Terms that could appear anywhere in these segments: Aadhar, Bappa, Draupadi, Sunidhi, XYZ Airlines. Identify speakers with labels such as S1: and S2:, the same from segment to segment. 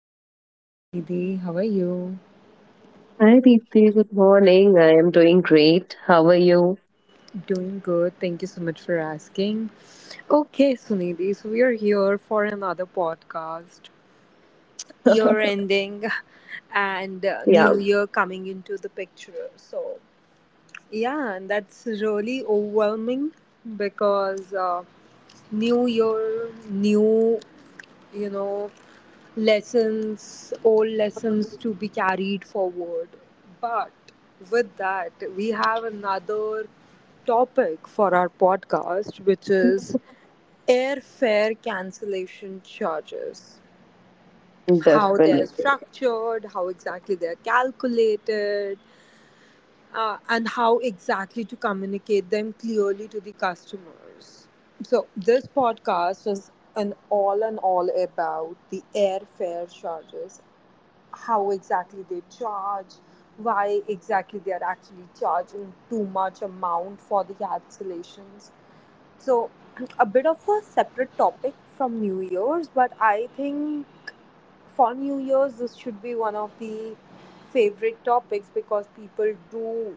S1: good morning, Sunidhi. How are you?
S2: Hi Deepthi, good morning. I am doing great. How are you?
S1: Doing good. Thank you so much for asking. Okay, Sunidhi, so we are here for another podcast. Year ending and
S2: Yeah,
S1: new year coming into the picture. So, yeah, and that's really overwhelming because new year, new you know, lessons, old lessons to be carried forward. But with that, we have another topic for our podcast, which is airfare cancellation charges. How they're
S2: definitely.
S1: structured, how exactly they're calculated, and how exactly to communicate them clearly to the customers. So, this podcast is an all and all about the airfare charges, how exactly they charge, why exactly they are actually charging too much amount for the cancellations. So, a bit of a separate topic from New Year's, but I think for New Year's, this should be one of the favorite topics because people do,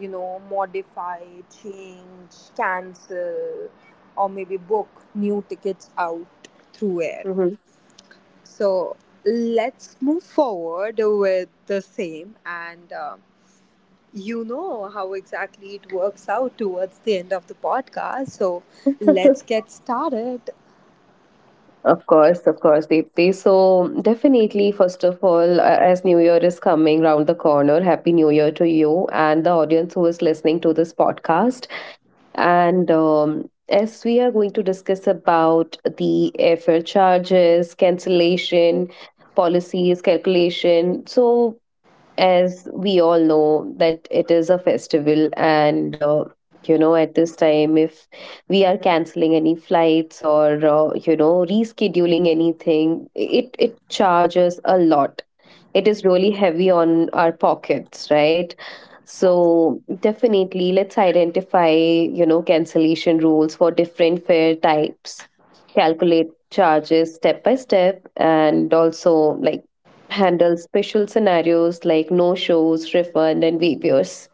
S1: modify, change, cancel, or maybe book new tickets out through air.
S2: Mhm.
S1: So let's move forward with the same. And you know how exactly it works out towards the end of the podcast. So let's get started.
S2: Of course, Deepthi. So, definitely, first of all, as New Year is coming round the corner, Happy New Year to you and the audience who is listening to this podcast. And As we are going to discuss about the airfare charges, cancellation, policies, calculation. So, as we all know that it is a festival and you know, at this time if we are canceling any flights or you know, rescheduling anything, it charges a lot. It is really heavy on our pockets, right? So definitely let's identify, you know, cancellation rules for different fare types, calculate charges step by step, and also, like, handle special scenarios like no shows, refund, and waivers.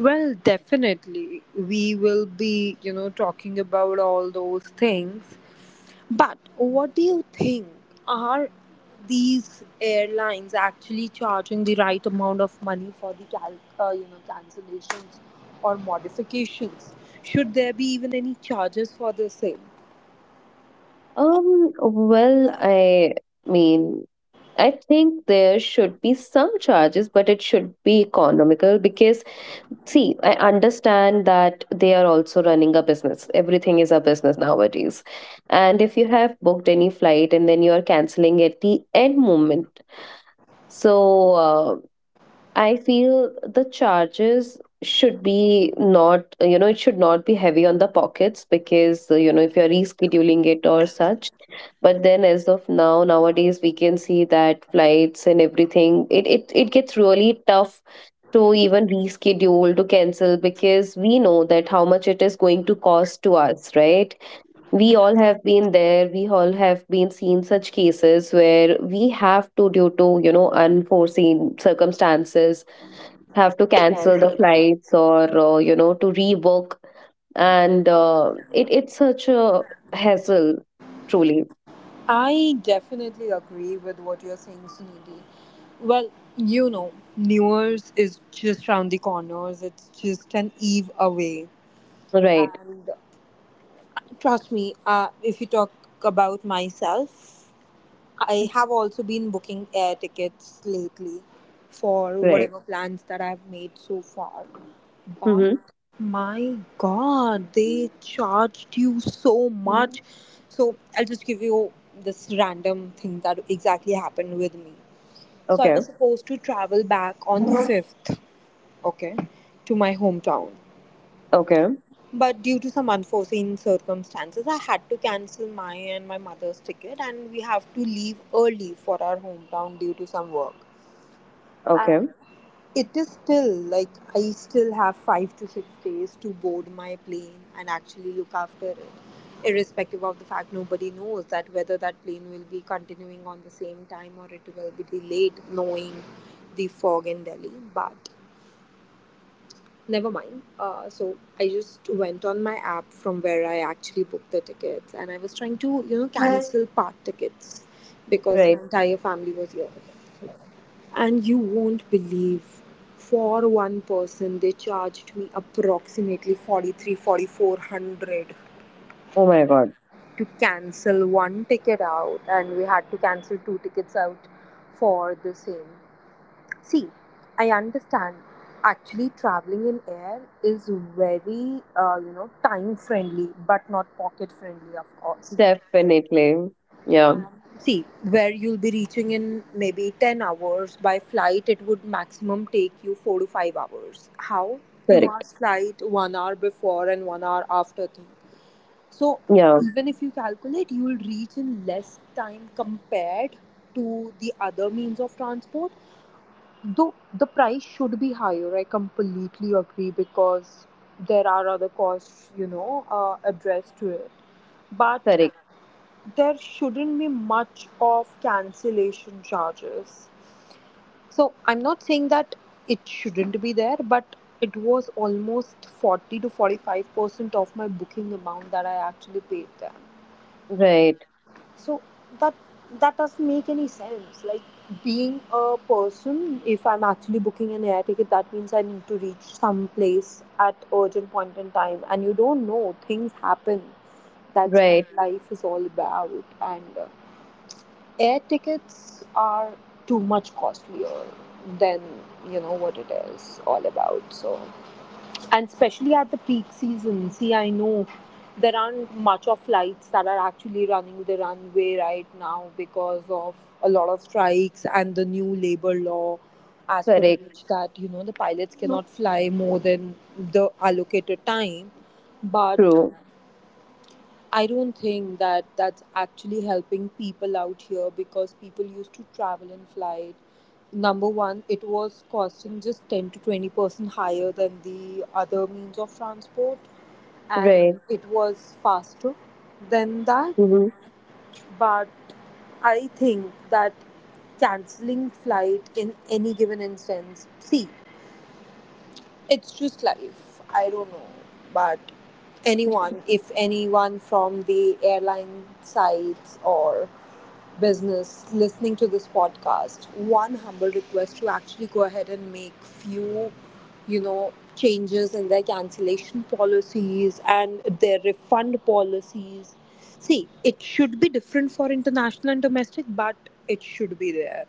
S1: Well, definitely. We will be, talking about all those things. But what do you think? Are these airlines actually charging the right amount of money for the cancellations or modifications? Should there be even any charges for the same?
S2: I mean, I think there should be some charges, but it should be economical because, see, I understand that they are also running a business. Everything is a business nowadays. And if you have booked any flight and then you are canceling at the end moment, so uh, I feel the charges should be not, you know, it should not be heavy on the pockets because, you know, if you're rescheduling it or such. But then as of now, nowadays, we can see that flights and everything, it gets really tough to even reschedule, to cancel, because we know that how much it is going to cost to us, right? We all have been there, we all have been seen such cases where we have to, due to, you know, unforeseen circumstances, have to cancel the flights or you know, to rebook, and it's such a hassle, truly.
S1: I definitely agree with what you're saying, Sunidhi. Well, New Year's is just round the corners. It's just an eve away.
S2: Right.
S1: And. Trust me, if you talk about myself, I have also been booking air tickets lately for
S2: Right.
S1: whatever plans that I've made so far. But
S2: Mm-hmm.
S1: my god, they charged you so much. So I'll just give you this random thing that exactly happened with me. So I
S2: Okay.
S1: was supposed to travel back on the 5th, okay, to my hometown.
S2: Okay.
S1: But due to some unforeseen circumstances, I had to cancel my and my mother's ticket, and we have to leave early for our hometown due to some work.
S2: Okay.
S1: It is still like I still have 5 to 6 days to board my plane and actually look after it, irrespective of the fact nobody knows that whether that plane will be continuing on the same time or it will be delayed, knowing the fog in Delhi. But Never mind. So I just went on my app from where I actually booked the tickets, and I was trying to, cancel part tickets because my
S2: Right.
S1: entire family was here. And you won't believe, for one person, they charged me approximately 43, 4,400
S2: Oh my god.
S1: to cancel one ticket out, and we had to cancel two tickets out for the same. See, I understand. Actually, traveling in air is very, time friendly, but not pocket friendly, of course.
S2: Definitely. Yeah.
S1: See, where you'll be reaching in maybe 10 hours, by flight, it would maximum take you 4 to 5 hours. How? Two
S2: Correct.
S1: hours flight, 1 hour before and 1 hour after thing. So,
S2: Yeah.
S1: even if you calculate, you will reach in less time compared to the other means of transport. Though the price should be higher, I completely agree because there are other costs, addressed to it. But
S2: Correct.
S1: there shouldn't be much of cancellation charges. So I'm not saying that it shouldn't be there, but it was almost 40 to 45% of my booking amount that I actually paid them.
S2: Right.
S1: So that that doesn't make any sense. Like, being a person, if I'm actually booking an air ticket, that means I need to reach some place at urgent point in time, and you don't know, things happen. That's what
S2: Right.
S1: life is all about. And air tickets are too much costlier than, you know, what it is all about. So, and especially at the peak season, see, I know there aren't much of flights that are actually running the runway right now because of a lot of strikes and the new labor law as per
S2: Correct.
S1: which that you know the pilots cannot fly more than the allocated time. But
S2: True.
S1: I don't think that that's actually helping people out here because people used to travel in flight. Number one, it was costing just 10 to 20% higher than the other means of transport, and
S2: Right.
S1: it was faster than that.
S2: Mm-hmm.
S1: But I think that canceling flight in any given instance, see, it's just life. I don't know. But anyone, if anyone from the airline sites or business listening to this podcast, one humble request to actually go ahead and make few, changes in their cancellation policies and their refund policies. See, it should be different for international and domestic, but it should be there.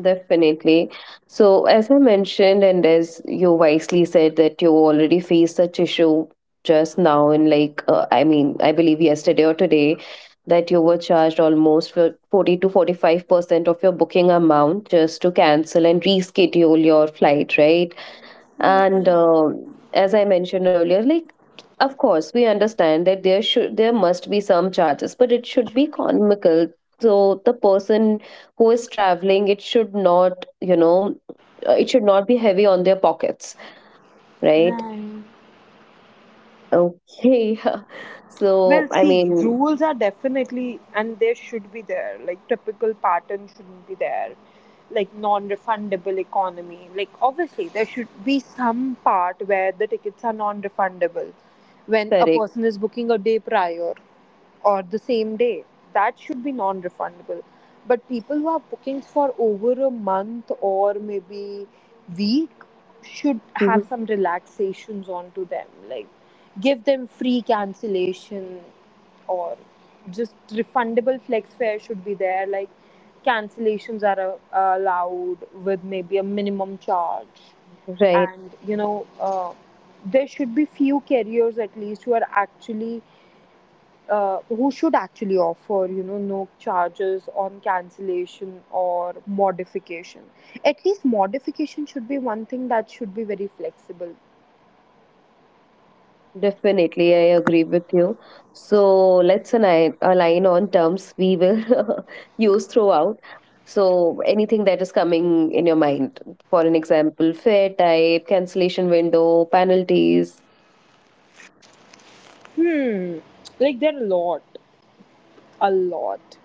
S2: Definitely. So, as I mentioned, and as you wisely said, that you already faced such issue just now, and like, I mean, I believe yesterday or today, that you were charged almost for 40 to 45% of your booking amount just to cancel and reschedule your flight, right? and as I mentioned earlier, like, of course we understand that there must be some charges, but it should be economical. So the person who is traveling, it should not, you know, it should not be heavy on their pockets, right?
S1: Right.
S2: Okay. So
S1: Well,
S2: I
S1: see,
S2: mean,
S1: rules are definitely, and they should be there. Like, typical pattern shouldn't be there. Like, non refundable economy. Like, obviously, there should be some part where the tickets are non refundable when a
S2: correct.
S1: person is booking a day prior or the same day. That should be non refundable. But people who have bookings for over a month or maybe week should have
S2: Mhm.
S1: some relaxations onto them. Like, give them free cancellation or just refundable flex fare should be there. Like cancellations are allowed with maybe a minimum charge.
S2: Right.
S1: And there should be few carriers at least who are actually who should actually offer no charges on cancellation or modification. At least modification should be one thing that should be very flexible.
S2: Definitely, I agree with you. So let's align on terms we will use throughout. So anything that is coming in your mind, for an example, fare type, cancellation window, penalties,
S1: Hmm, like there are a lot, a lot.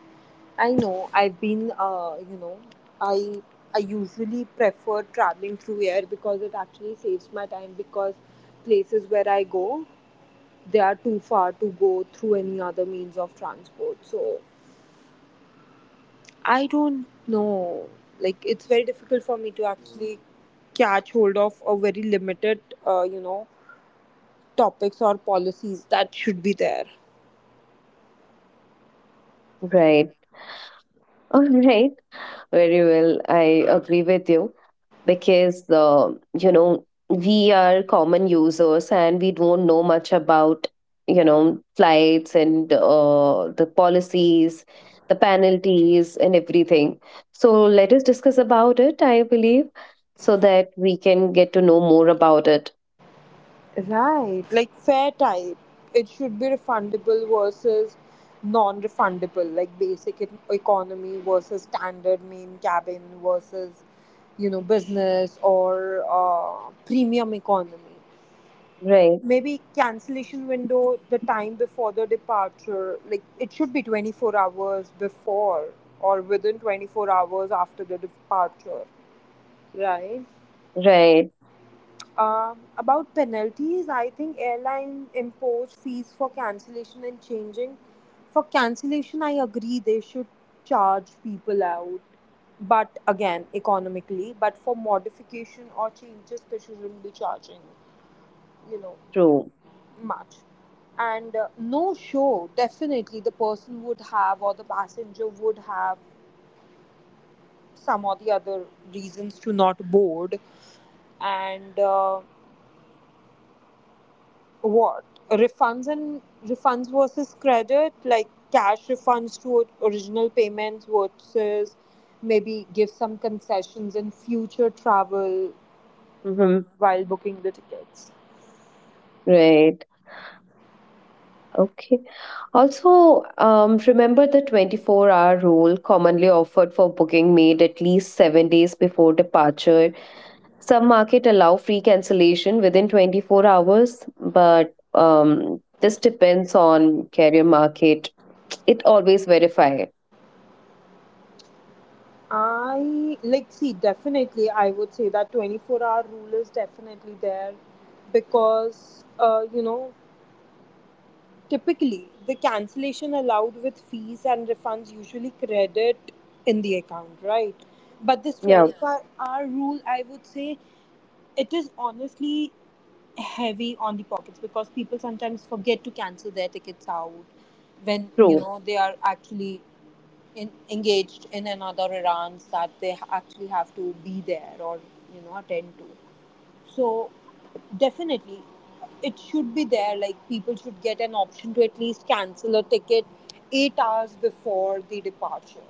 S1: I know I've been you know I I usually prefer traveling through air because it actually saves my time because places where I go they are too far to go through any other means of transport. So I don't know, like it's very difficult for me to actually catch hold of a very limited uh, you know topics or policies that should be there.
S2: right? All right, very well. I agree with you. Because, the you know, we are common users and we don't know much about, you know, flights and the policies, the penalties and everything. So let us discuss about it, I believe, so that we can get to know more about it.
S1: Right, like fair type. It should be refundable versus non refundable, like basic economy versus standard main cabin versus, you know, business or premium economy.
S2: Right.
S1: Maybe cancellation window, the time before the departure, like it should be 24 hours before or within 24 hours after the departure, right?
S2: Right.
S1: About penalties, I think airline impose fees for cancellation and changing. For cancellation, I agree they should charge people out, but again, economically. But for modification or changes, they shouldn't be charging, you know,
S2: True.
S1: much. And no show, definitely the person would have or the passenger would have some or the other reasons to not board. And what refunds and refunds versus credit, like cash refunds to original payments versus maybe give some concessions in future travel
S2: Mm-hmm.
S1: while booking the tickets.
S2: Right. Okay. Also, remember the 24-hour rule commonly offered for booking made at least 7 days before departure. Some market allow free cancellation within 24 hours, but this depends on carrier market. It always verify.
S1: I, like, see, definitely I would say that 24-hour rule is definitely there because typically, the cancellation allowed with fees and refunds usually credit in the account, right? But this
S2: Yeah,
S1: 24-hour rule, I would say, it is honestly heavy on the pockets because people sometimes forget to cancel their tickets out when you
S2: true,
S1: know they are actually engaged in another Iran's that they actually have to be there or attend to. So definitely, it should be there. Like people should get an option to at least cancel a ticket 8 hours before the departure.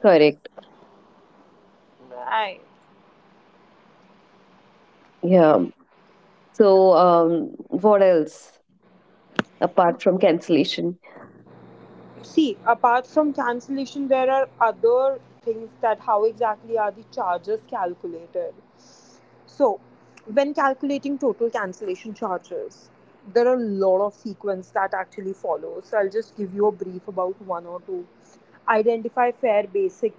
S2: correct.
S1: Right.
S2: Yeah. So, what else apart from cancellation?
S1: See, apart from cancellation, there are other things that how exactly are the charges calculated. So, when calculating total cancellation charges, there are a lot of sequence that actually follows. So, I'll just give you a brief about one or two. Identify fair basic,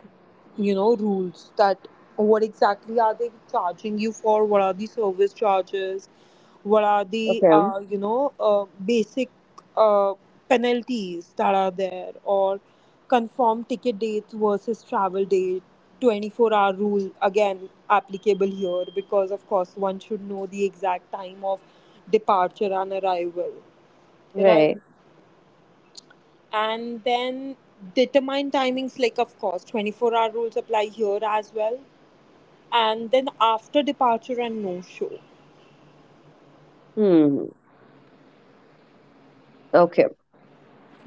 S1: rules that what exactly are they charging you for? What are the service charges? What are the
S2: Okay,
S1: basic uh, penalties that are there or confirm ticket dates versus travel date. 24-hour rule again applicable here because of course one should know the exact time of departure and arrival, right?
S2: right.
S1: And then determine timings, like of course 24-hour rules apply here as well. And then after departure and no show.
S2: Hmm. Okay.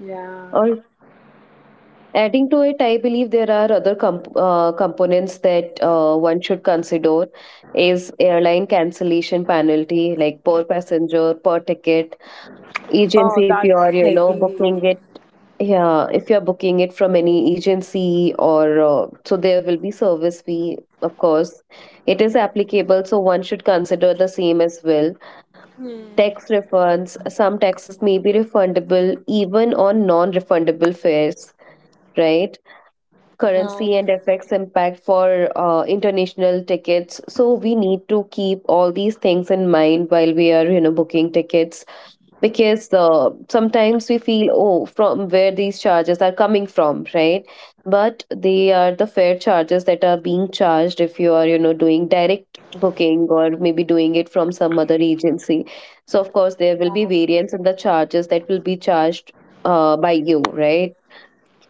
S1: Yeah.
S2: Or adding to it, I believe there are other components that one should consider is airline cancellation penalty, like per passenger, per ticket,
S1: Oh,
S2: agency, if
S1: that's
S2: you're, you know, booking
S1: heavy.
S2: it. Yeah, if you're booking it from any agency or so there will be service fee, of course it is applicable, so one should consider the same as well.
S1: Mm.
S2: Tax refunds, some taxes may be refundable even on non-refundable fares, right? Currency and
S1: Right.
S2: FX impact for international tickets. So we need to keep all these things in mind while we are, you know, booking tickets, because sometimes we feel, oh, from where these charges are coming from, right? But they are the fair charges that are being charged if you are, you know, doing direct booking or maybe doing it from some other agency. So, of course, there will be variance in the charges that will be charged by you, right?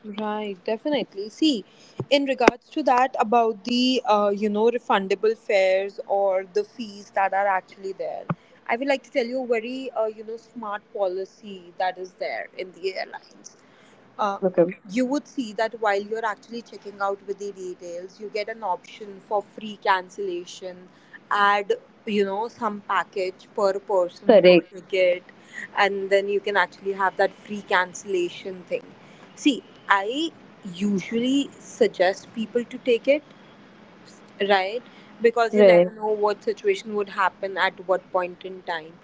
S1: Right, definitely. See, in regards to that, about the refundable fares or the fees that are actually there, I would like to tell you a very smart policy that is there in the airlines. Uh,
S2: Okay.
S1: you would see that while you're actually checking out with the details, you get an option for free cancellation. Add some package per person per
S2: Correct.
S1: ticket, and then you can actually have that free cancellation thing. See, I usually suggest people to take it, right? Because you never
S2: Right.
S1: know what situation would happen at what point in time.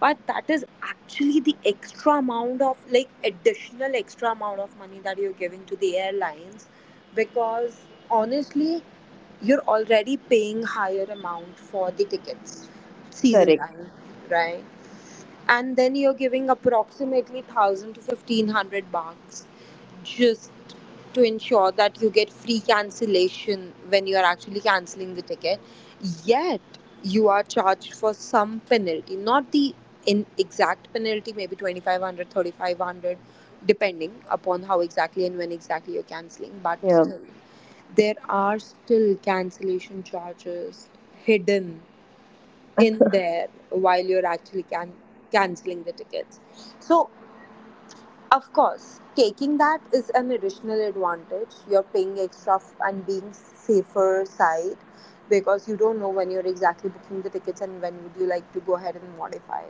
S1: But that is actually the extra amount of, like, additional extra amount of money that you're giving to the airlines. Because honestly, you're already paying higher amount for the tickets season
S2: Correct.
S1: time, right? And then you're giving approximately 1000 to 1500 bucks just to ensure that you get free cancellation when you are actually canceling the ticket, yet you are charged for some penalty, not the in exact penalty, maybe 2500, 3500, depending upon how exactly and when exactly you're canceling, but
S2: Yeah.
S1: still there are still cancellation charges hidden in there while you're actually canceling the tickets. So, of course, taking that is an additional advantage. You're paying and being safer side because you don't know when you're exactly booking the tickets and when would you like to go ahead and modify.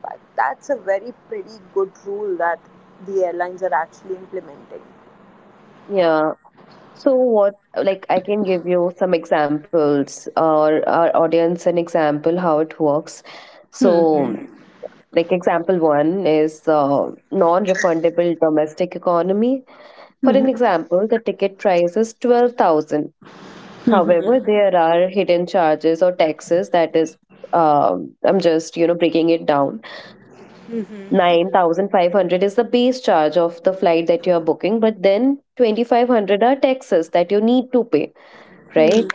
S1: But that's a very pretty good rule that the airlines are actually implementing.
S2: Yeah. So what, like, I can give you some examples, or our audience an example, how it works. So, like, example one is non-refundable domestic economy. For an example, the ticket price is 12,000. However, there are hidden charges or taxes that is, I'm just, you know, breaking it down. 9,500 is the base charge of the flight that you are booking, but then 2,500 are taxes that you need to pay, right?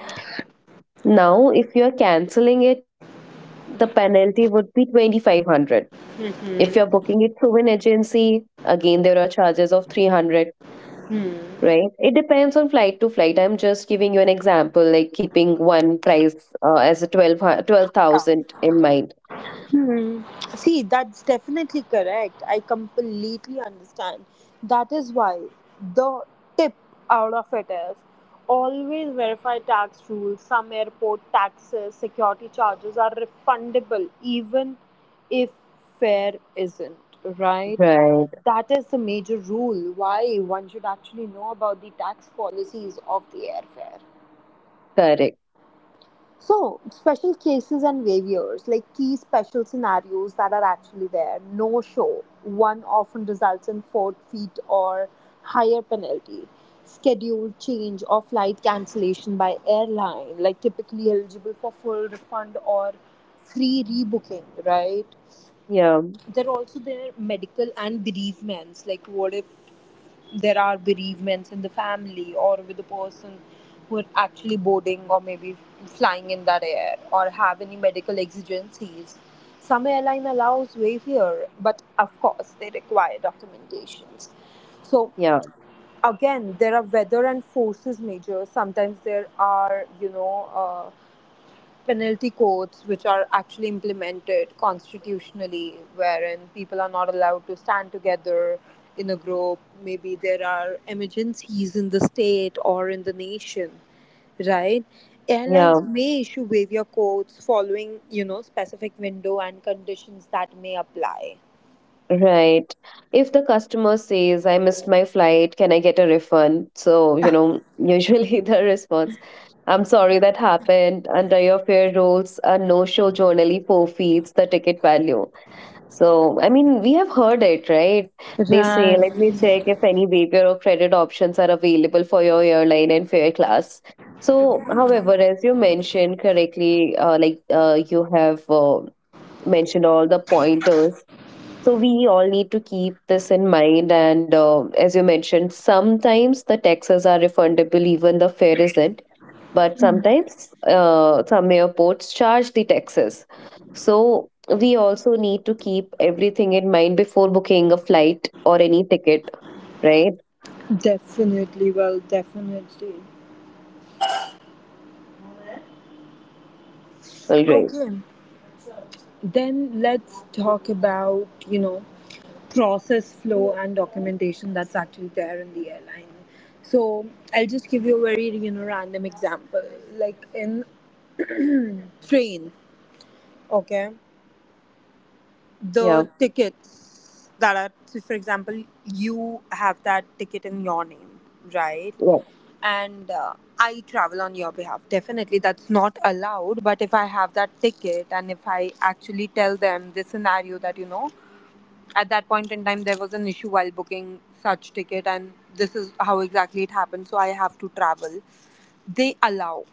S2: Now, if you are canceling it, the penalty would be 2,500. If you are booking it through an agency, again, there are charges of 300, right? It depends on flight to flight. I'm just giving you an example, like keeping one price as a twelve thousand in mind.
S1: See, that's definitely correct. I completely understand. That is why the tip out of it is always verify tax rules. Some airport taxes, security charges are refundable, even if fare isn't, right?
S2: Right,
S1: That is the major rule why one should actually know about the tax policies of the airfare.
S2: correct.
S1: So, special cases and waivers, like key special scenarios that are actually there, no show, one often results in forfeit or higher penalty, schedule change or flight cancellation by airline, like typically eligible for full refund or free rebooking, right?
S2: Yeah,
S1: There are also their medical and bereavements, like what if there are bereavements in the family or with the person who are actually boarding or maybe flying in that air or have any medical exigencies. Some airline allows wayfair, but of course they require documentations. So
S2: yeah,
S1: again, there are weather and forces measures. Sometimes there are, penalty codes which are actually implemented constitutionally, wherein people are not allowed to stand together in a group. Maybe there are emergencies in the state or in the nation, right?
S2: yeah.
S1: Airlines may issue waiver codes following, specific window and conditions that may apply.
S2: Right. If the customer says, I missed my flight, can I get a refund? So, you know, usually the response, I'm sorry that happened. Under your fare rules, a no-show generally forfeits the ticket value. So, I mean, we have heard it, right? They say, let
S1: Right
S2: me check if any waiver or credit options are available for your airline and fare class. So, however, as you mentioned correctly, you have mentioned all the pointers, so we all need to keep this in mind. And as you mentioned, sometimes the taxes are refundable, even the fare isn't. But sometimes some airports charge the taxes. So we also need to keep everything in mind before booking a flight or any ticket, right?
S1: definitely, well, definitely.
S2: All right.
S1: Okay. Then let's talk about, process flow and documentation that's actually there in the airline. So I'll just give you a very, random example. Like in train, okay,
S2: Yeah.
S1: the tickets that are, so for example, you have that ticket in your name, right?
S2: Yeah.
S1: And I travel on your behalf. Definitely, that's not allowed. But if I have that ticket and if I actually tell them the scenario that, at that point in time there was an issue while booking such ticket and this is how exactly it happened, so I have to travel, they allow.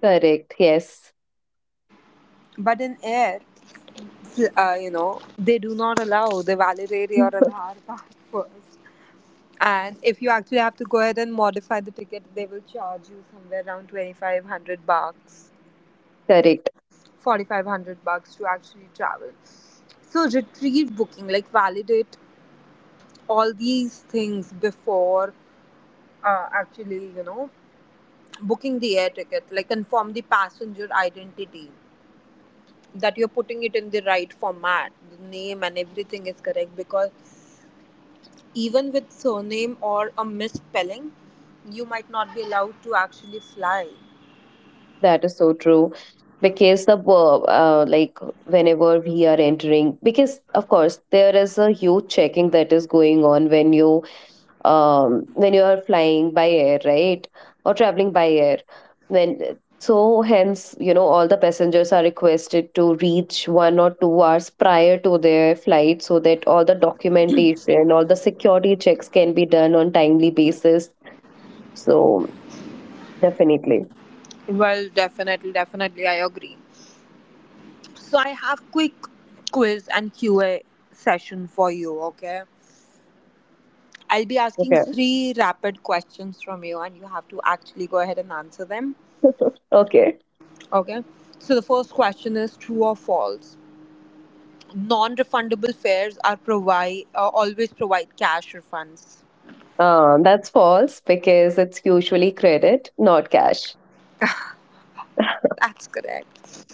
S2: Correct. Yes.
S1: But in air, they do not allow. They validate your aadhar card first, and if you actually have to go ahead and modify the ticket, they will charge you somewhere around 2500 bucks,
S2: Correct.
S1: 4500 bucks to actually travel. So retrieve booking, like validate all these things before actually, booking the air ticket, like confirm the passenger identity, that you're putting it in the right format, the name and everything is correct, because even with surname or a misspelling, you might not be allowed to actually fly.
S2: That is so true, because the like, whenever we are entering, because of course there is a huge checking that is going on when you, um, when you are flying by air, right, or traveling by air, when, so hence, you know, all the passengers are requested to reach 1 or 2 hours prior to their flight so that all the documentation, all the security checks, can be done on timely basis. So definitely.
S1: Well, definitely, definitely, I agree. So I have quick quiz and QA session for you, okay? I'll be asking
S2: Okay.
S1: three rapid questions from you and you have to actually go ahead and answer them.
S2: Okay.
S1: Okay. So the first question is true or false? Non-refundable fares are provide always provide cash refunds.
S2: That's false because it's usually credit, not cash.
S1: That's correct.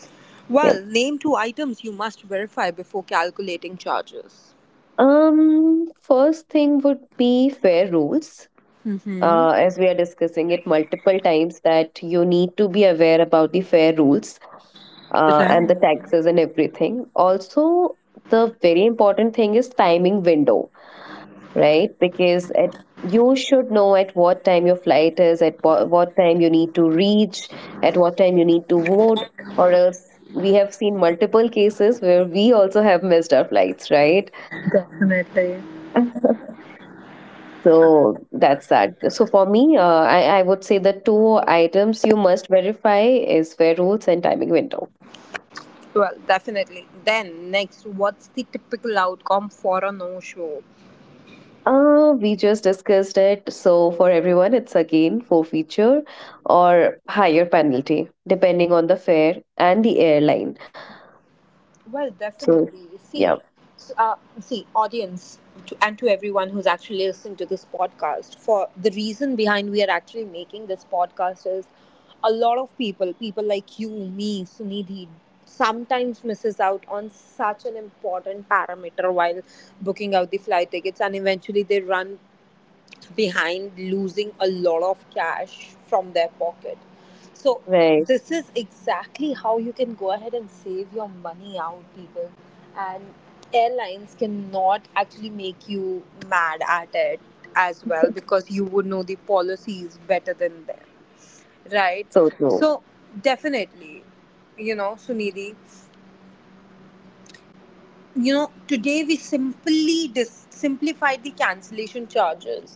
S2: Yep.
S1: Well, name two items you must verify before calculating charges.
S2: First thing would be fair rules.
S1: Mm-hmm.
S2: As we are discussing it multiple times, that you need to be aware about the fair rules and the
S1: Right.
S2: taxes and everything. Also, the very important thing is timing window. Right? Because at, you should know at what time your flight is, at what time you need to reach, at what time you need to vote, or else we have seen multiple cases where we also have missed our flights, right?
S1: Definitely.
S2: So that's that. So for me, I would say the two items you must verify is fare rules and timing window.
S1: Well, definitely. Then next, what's the typical outcome for a no-show?
S2: We just discussed it. So for everyone, it's again forfeiture or higher penalty, depending on the fare and the airline.
S1: Well,
S2: So
S1: definitely. You
S2: yeah,
S1: see, see, audience, to, and to everyone who's actually listening to this podcast, for the reason behind we are actually making this podcast is a lot of people, people like you, me, Sunidhi, sometimes misses out on such an important parameter while booking out the flight tickets, and eventually they run behind losing a lot of cash from their pocket. So,
S2: right.
S1: this is exactly how you can go ahead and save your money out, people. And airlines cannot actually make you mad at it as well, because you would know the policies better than them, right?
S2: So true.
S1: So, definitely, Sunidhi, today we simply simplified the cancellation charges,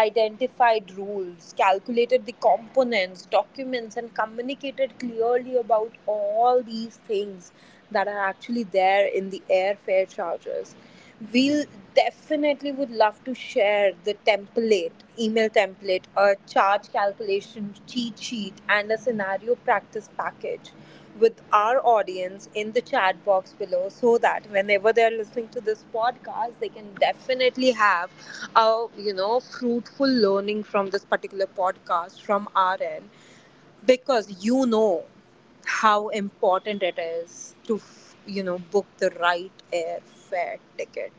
S1: identified rules, calculated the components, documents, and communicated clearly about all these things that are actually there in the airfare charges. We'll definitely would love to share the template, email template, a charge calculation cheat sheet, and a scenario practice package with our audience in the chat box below, so that whenever they're listening to this podcast they can definitely have a fruitful learning from this particular podcast from our end, because how important it is to book the right airfare ticket.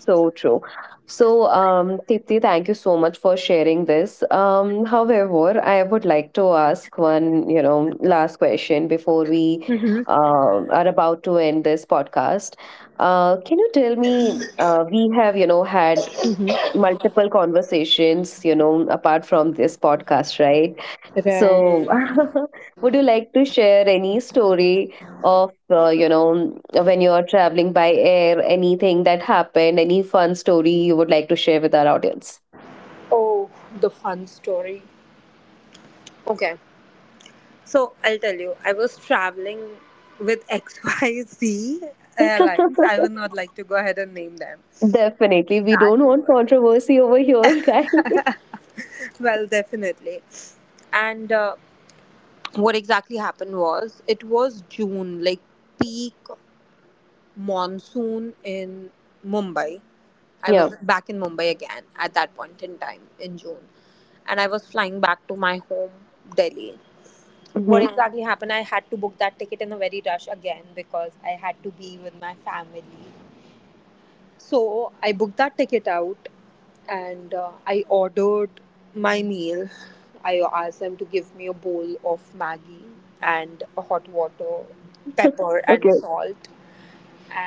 S2: So true. So Tipti, thank you so much for sharing this. However, I would like to ask one, you know, last question before we
S1: Mhm.
S2: are about to end this podcast. Can you tell me? We have, you know, had multiple conversations, you know, apart from this podcast, right? So,
S1: Right.
S2: would you like to share any story of, you know, when you're traveling by air, anything that happened, any fun story you would like to share with our audience?
S1: Oh, the fun story. Okay. So I'll tell you, I was traveling with XYZ Airlines. I would not like to go ahead and name them.
S2: Definitely. We
S1: That
S2: don't want
S1: was.
S2: controversy over here, guys.
S1: Well, definitely. And what exactly happened was it was June, like peak monsoon in Mumbai. I was
S2: Yeah.
S1: back in Mumbai again at that point in time in June. And I was flying back to my home, Delhi. What
S2: Hmm.
S1: exactly happened, I had to book that ticket in a very rush again because I had to be with my family. So I booked that ticket out, and I ordered my meal. I asked them to give me a bowl of maggi and a hot water, pepper and
S2: Okay.
S1: salt.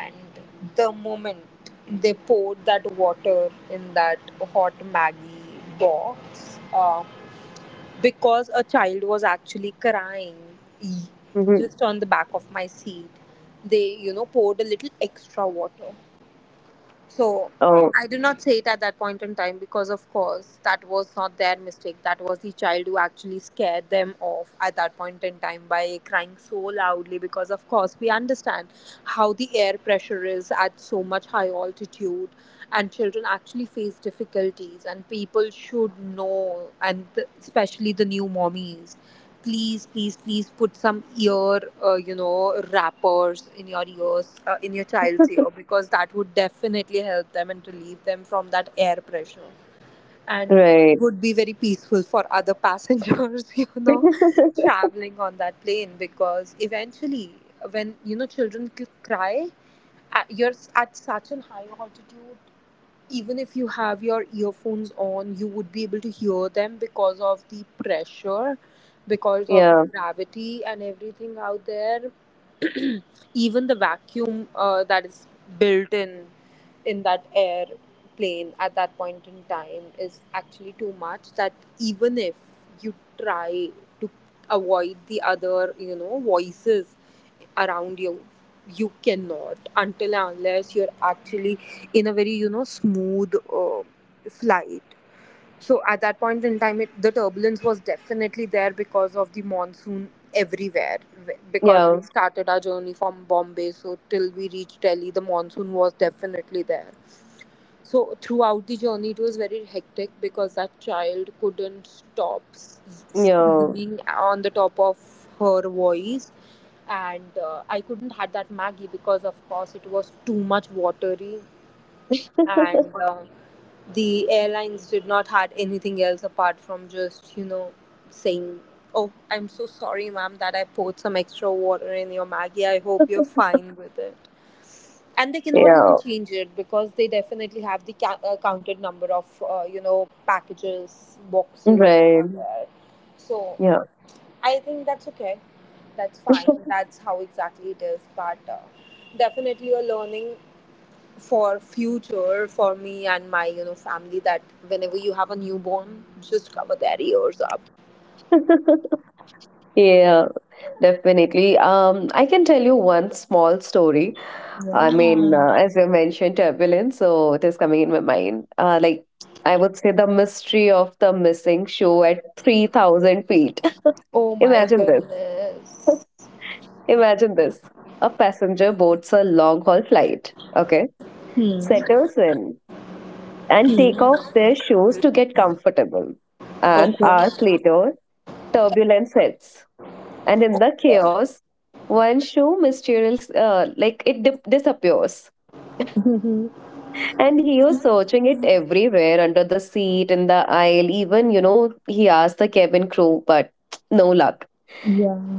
S1: And the moment they poured that water in that hot maggie box, because a child was actually crying, e-
S2: Hmm.
S1: just on the back of my seat. They, poured a little extra water. So
S2: Oh,
S1: I did not say it at that point in time because, of course, that was not their mistake. That was the child who actually scared them off at that point in time by crying so loudly. Because, of course, we understand how the air pressure is at so much high altitude, and children actually face difficulties, and people should know, and the, especially the new mommies, please please please put some ear wrappers in your ears, in your child's ear, because that would definitely help them and relieve them from that air pressure, and
S2: right.
S1: would be very peaceful for other passengers traveling on that plane. Because eventually when children cry, at such an high altitude, even if you have your earphones on, you would be able to hear them because of the pressure, because of the
S2: Yeah.
S1: gravity and everything out there. Even the vacuum that is built in that airplane at that point in time is actually too much, that even if you try to avoid the other voices around you, you cannot, until and unless you're actually in a very smooth flight. So at that point in time, it, the turbulence was definitely there because of the monsoon everywhere. Because we
S2: Yeah.
S1: started our journey from Bombay, so till we reached Delhi, the monsoon was definitely there. So throughout the journey, it was very hectic because that child couldn't stop
S2: Yeah.
S1: screaming on the top of her voice, and I couldn't had that Maggie, because of course it was too much watery, and the airlines did not had anything else apart from just saying, oh I'm so sorry ma'am that I poured some extra water in your maggie, I hope you're fine with it. And they cannot even
S2: Yeah.
S1: change it because they definitely have the ca- counted number of packages, boxes that are
S2: Right.
S1: there. So
S2: Yeah.
S1: I think that's okay, that's fine, that's how exactly it is, but definitely are learning for future for me and my family, that whenever you have a newborn just cover their ears up.
S2: Yeah. Definitely. I can tell you one small story. I mean,
S1: Yeah.
S2: as you mentioned, turbulence, so it is coming in my mind. I would say the mystery of the missing shoe at 3,000 feet.
S1: Oh my
S2: Imagine this.
S1: goodness.
S2: Imagine this. A passenger boards a long haul flight, okay,
S1: Hmm.
S2: settles in and take off their shoes to get comfortable. And
S1: Okay.
S2: hours later, turbulence helps. And in the chaos, one shoe mysterious, disappears.
S1: Mhm.
S2: And he was searching it everywhere under the seat, in the aisle, even, you know, he asked the cabin crew, but no luck.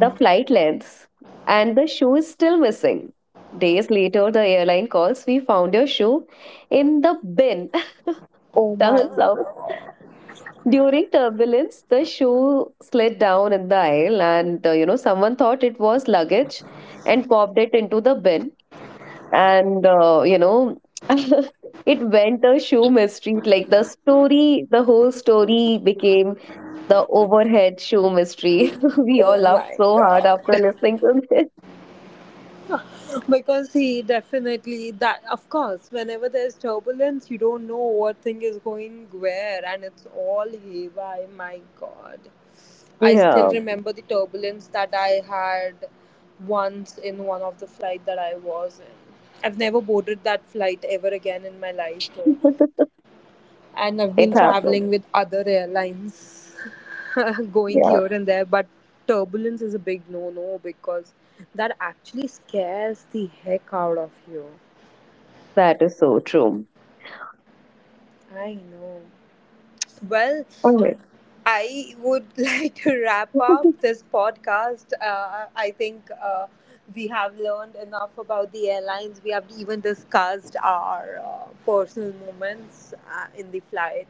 S2: The flight lengths and the shoe is still missing. Days later, the airline calls, We found your shoe in the bin.
S1: Oh my.
S2: Turns out, during turbulence, the shoe slid down in the aisle, and you know, someone thought it was luggage and popped it into the bin, and you know, it went a shoe mystery, like the whole story became the overhead shoe mystery. We all
S1: Oh
S2: laughed
S1: my
S2: so hard
S1: god,
S2: after listening to this.
S1: because he definitely, that, of course, whenever there's turbulence you don't know what thing is going where and it's all haywire, my god. I still
S2: Yeah.
S1: remember the turbulence that I had once in one of the flight that I was in. I've never boarded that flight ever again in my life though. And I've
S2: It
S1: been
S2: happens.
S1: traveling with other airlines going
S2: Yeah.
S1: here and there, but turbulence is a big no no, because that actually scares the heck out of you.
S2: That is so true.
S1: I know. Well,
S2: Alright.
S1: I would like to wrap up this podcast. I think we have learned enough about the airlines. We have even discussed our personal moments in the flight.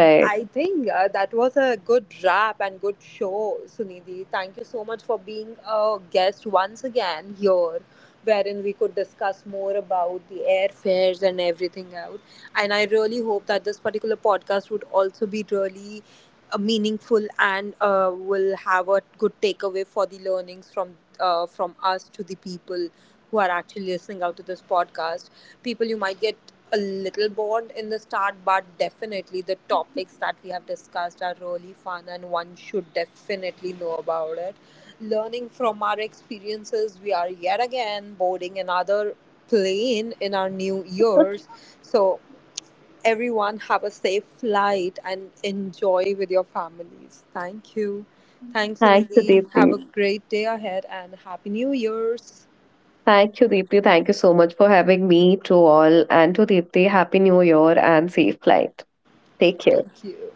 S1: And I think that was a good wrap and good show, Sunidhi. Thank you so much for being a guest once again here, wherein we could discuss more about the airfares and everything else. And I really hope that this particular podcast would also be really meaningful and will have a good takeaway for the learnings from us to the people who are actually listening out to this podcast. People, you might get a little bored in the start, but definitely the topics that we have discussed are really fun, and one should definitely know about it. Learning from our experiences, we are yet again boarding another plane in our new years. So everyone have a safe flight and enjoy with your families. Thank you. Thanks,
S2: Thank you,
S1: Nidhi. Have
S2: Deepti.
S1: a great day ahead and Happy New Year's.
S2: Thank you, Deepti. Thank you so much for having me to all and to Deepti. Happy New Year and safe flight. Take care.
S1: Thank you.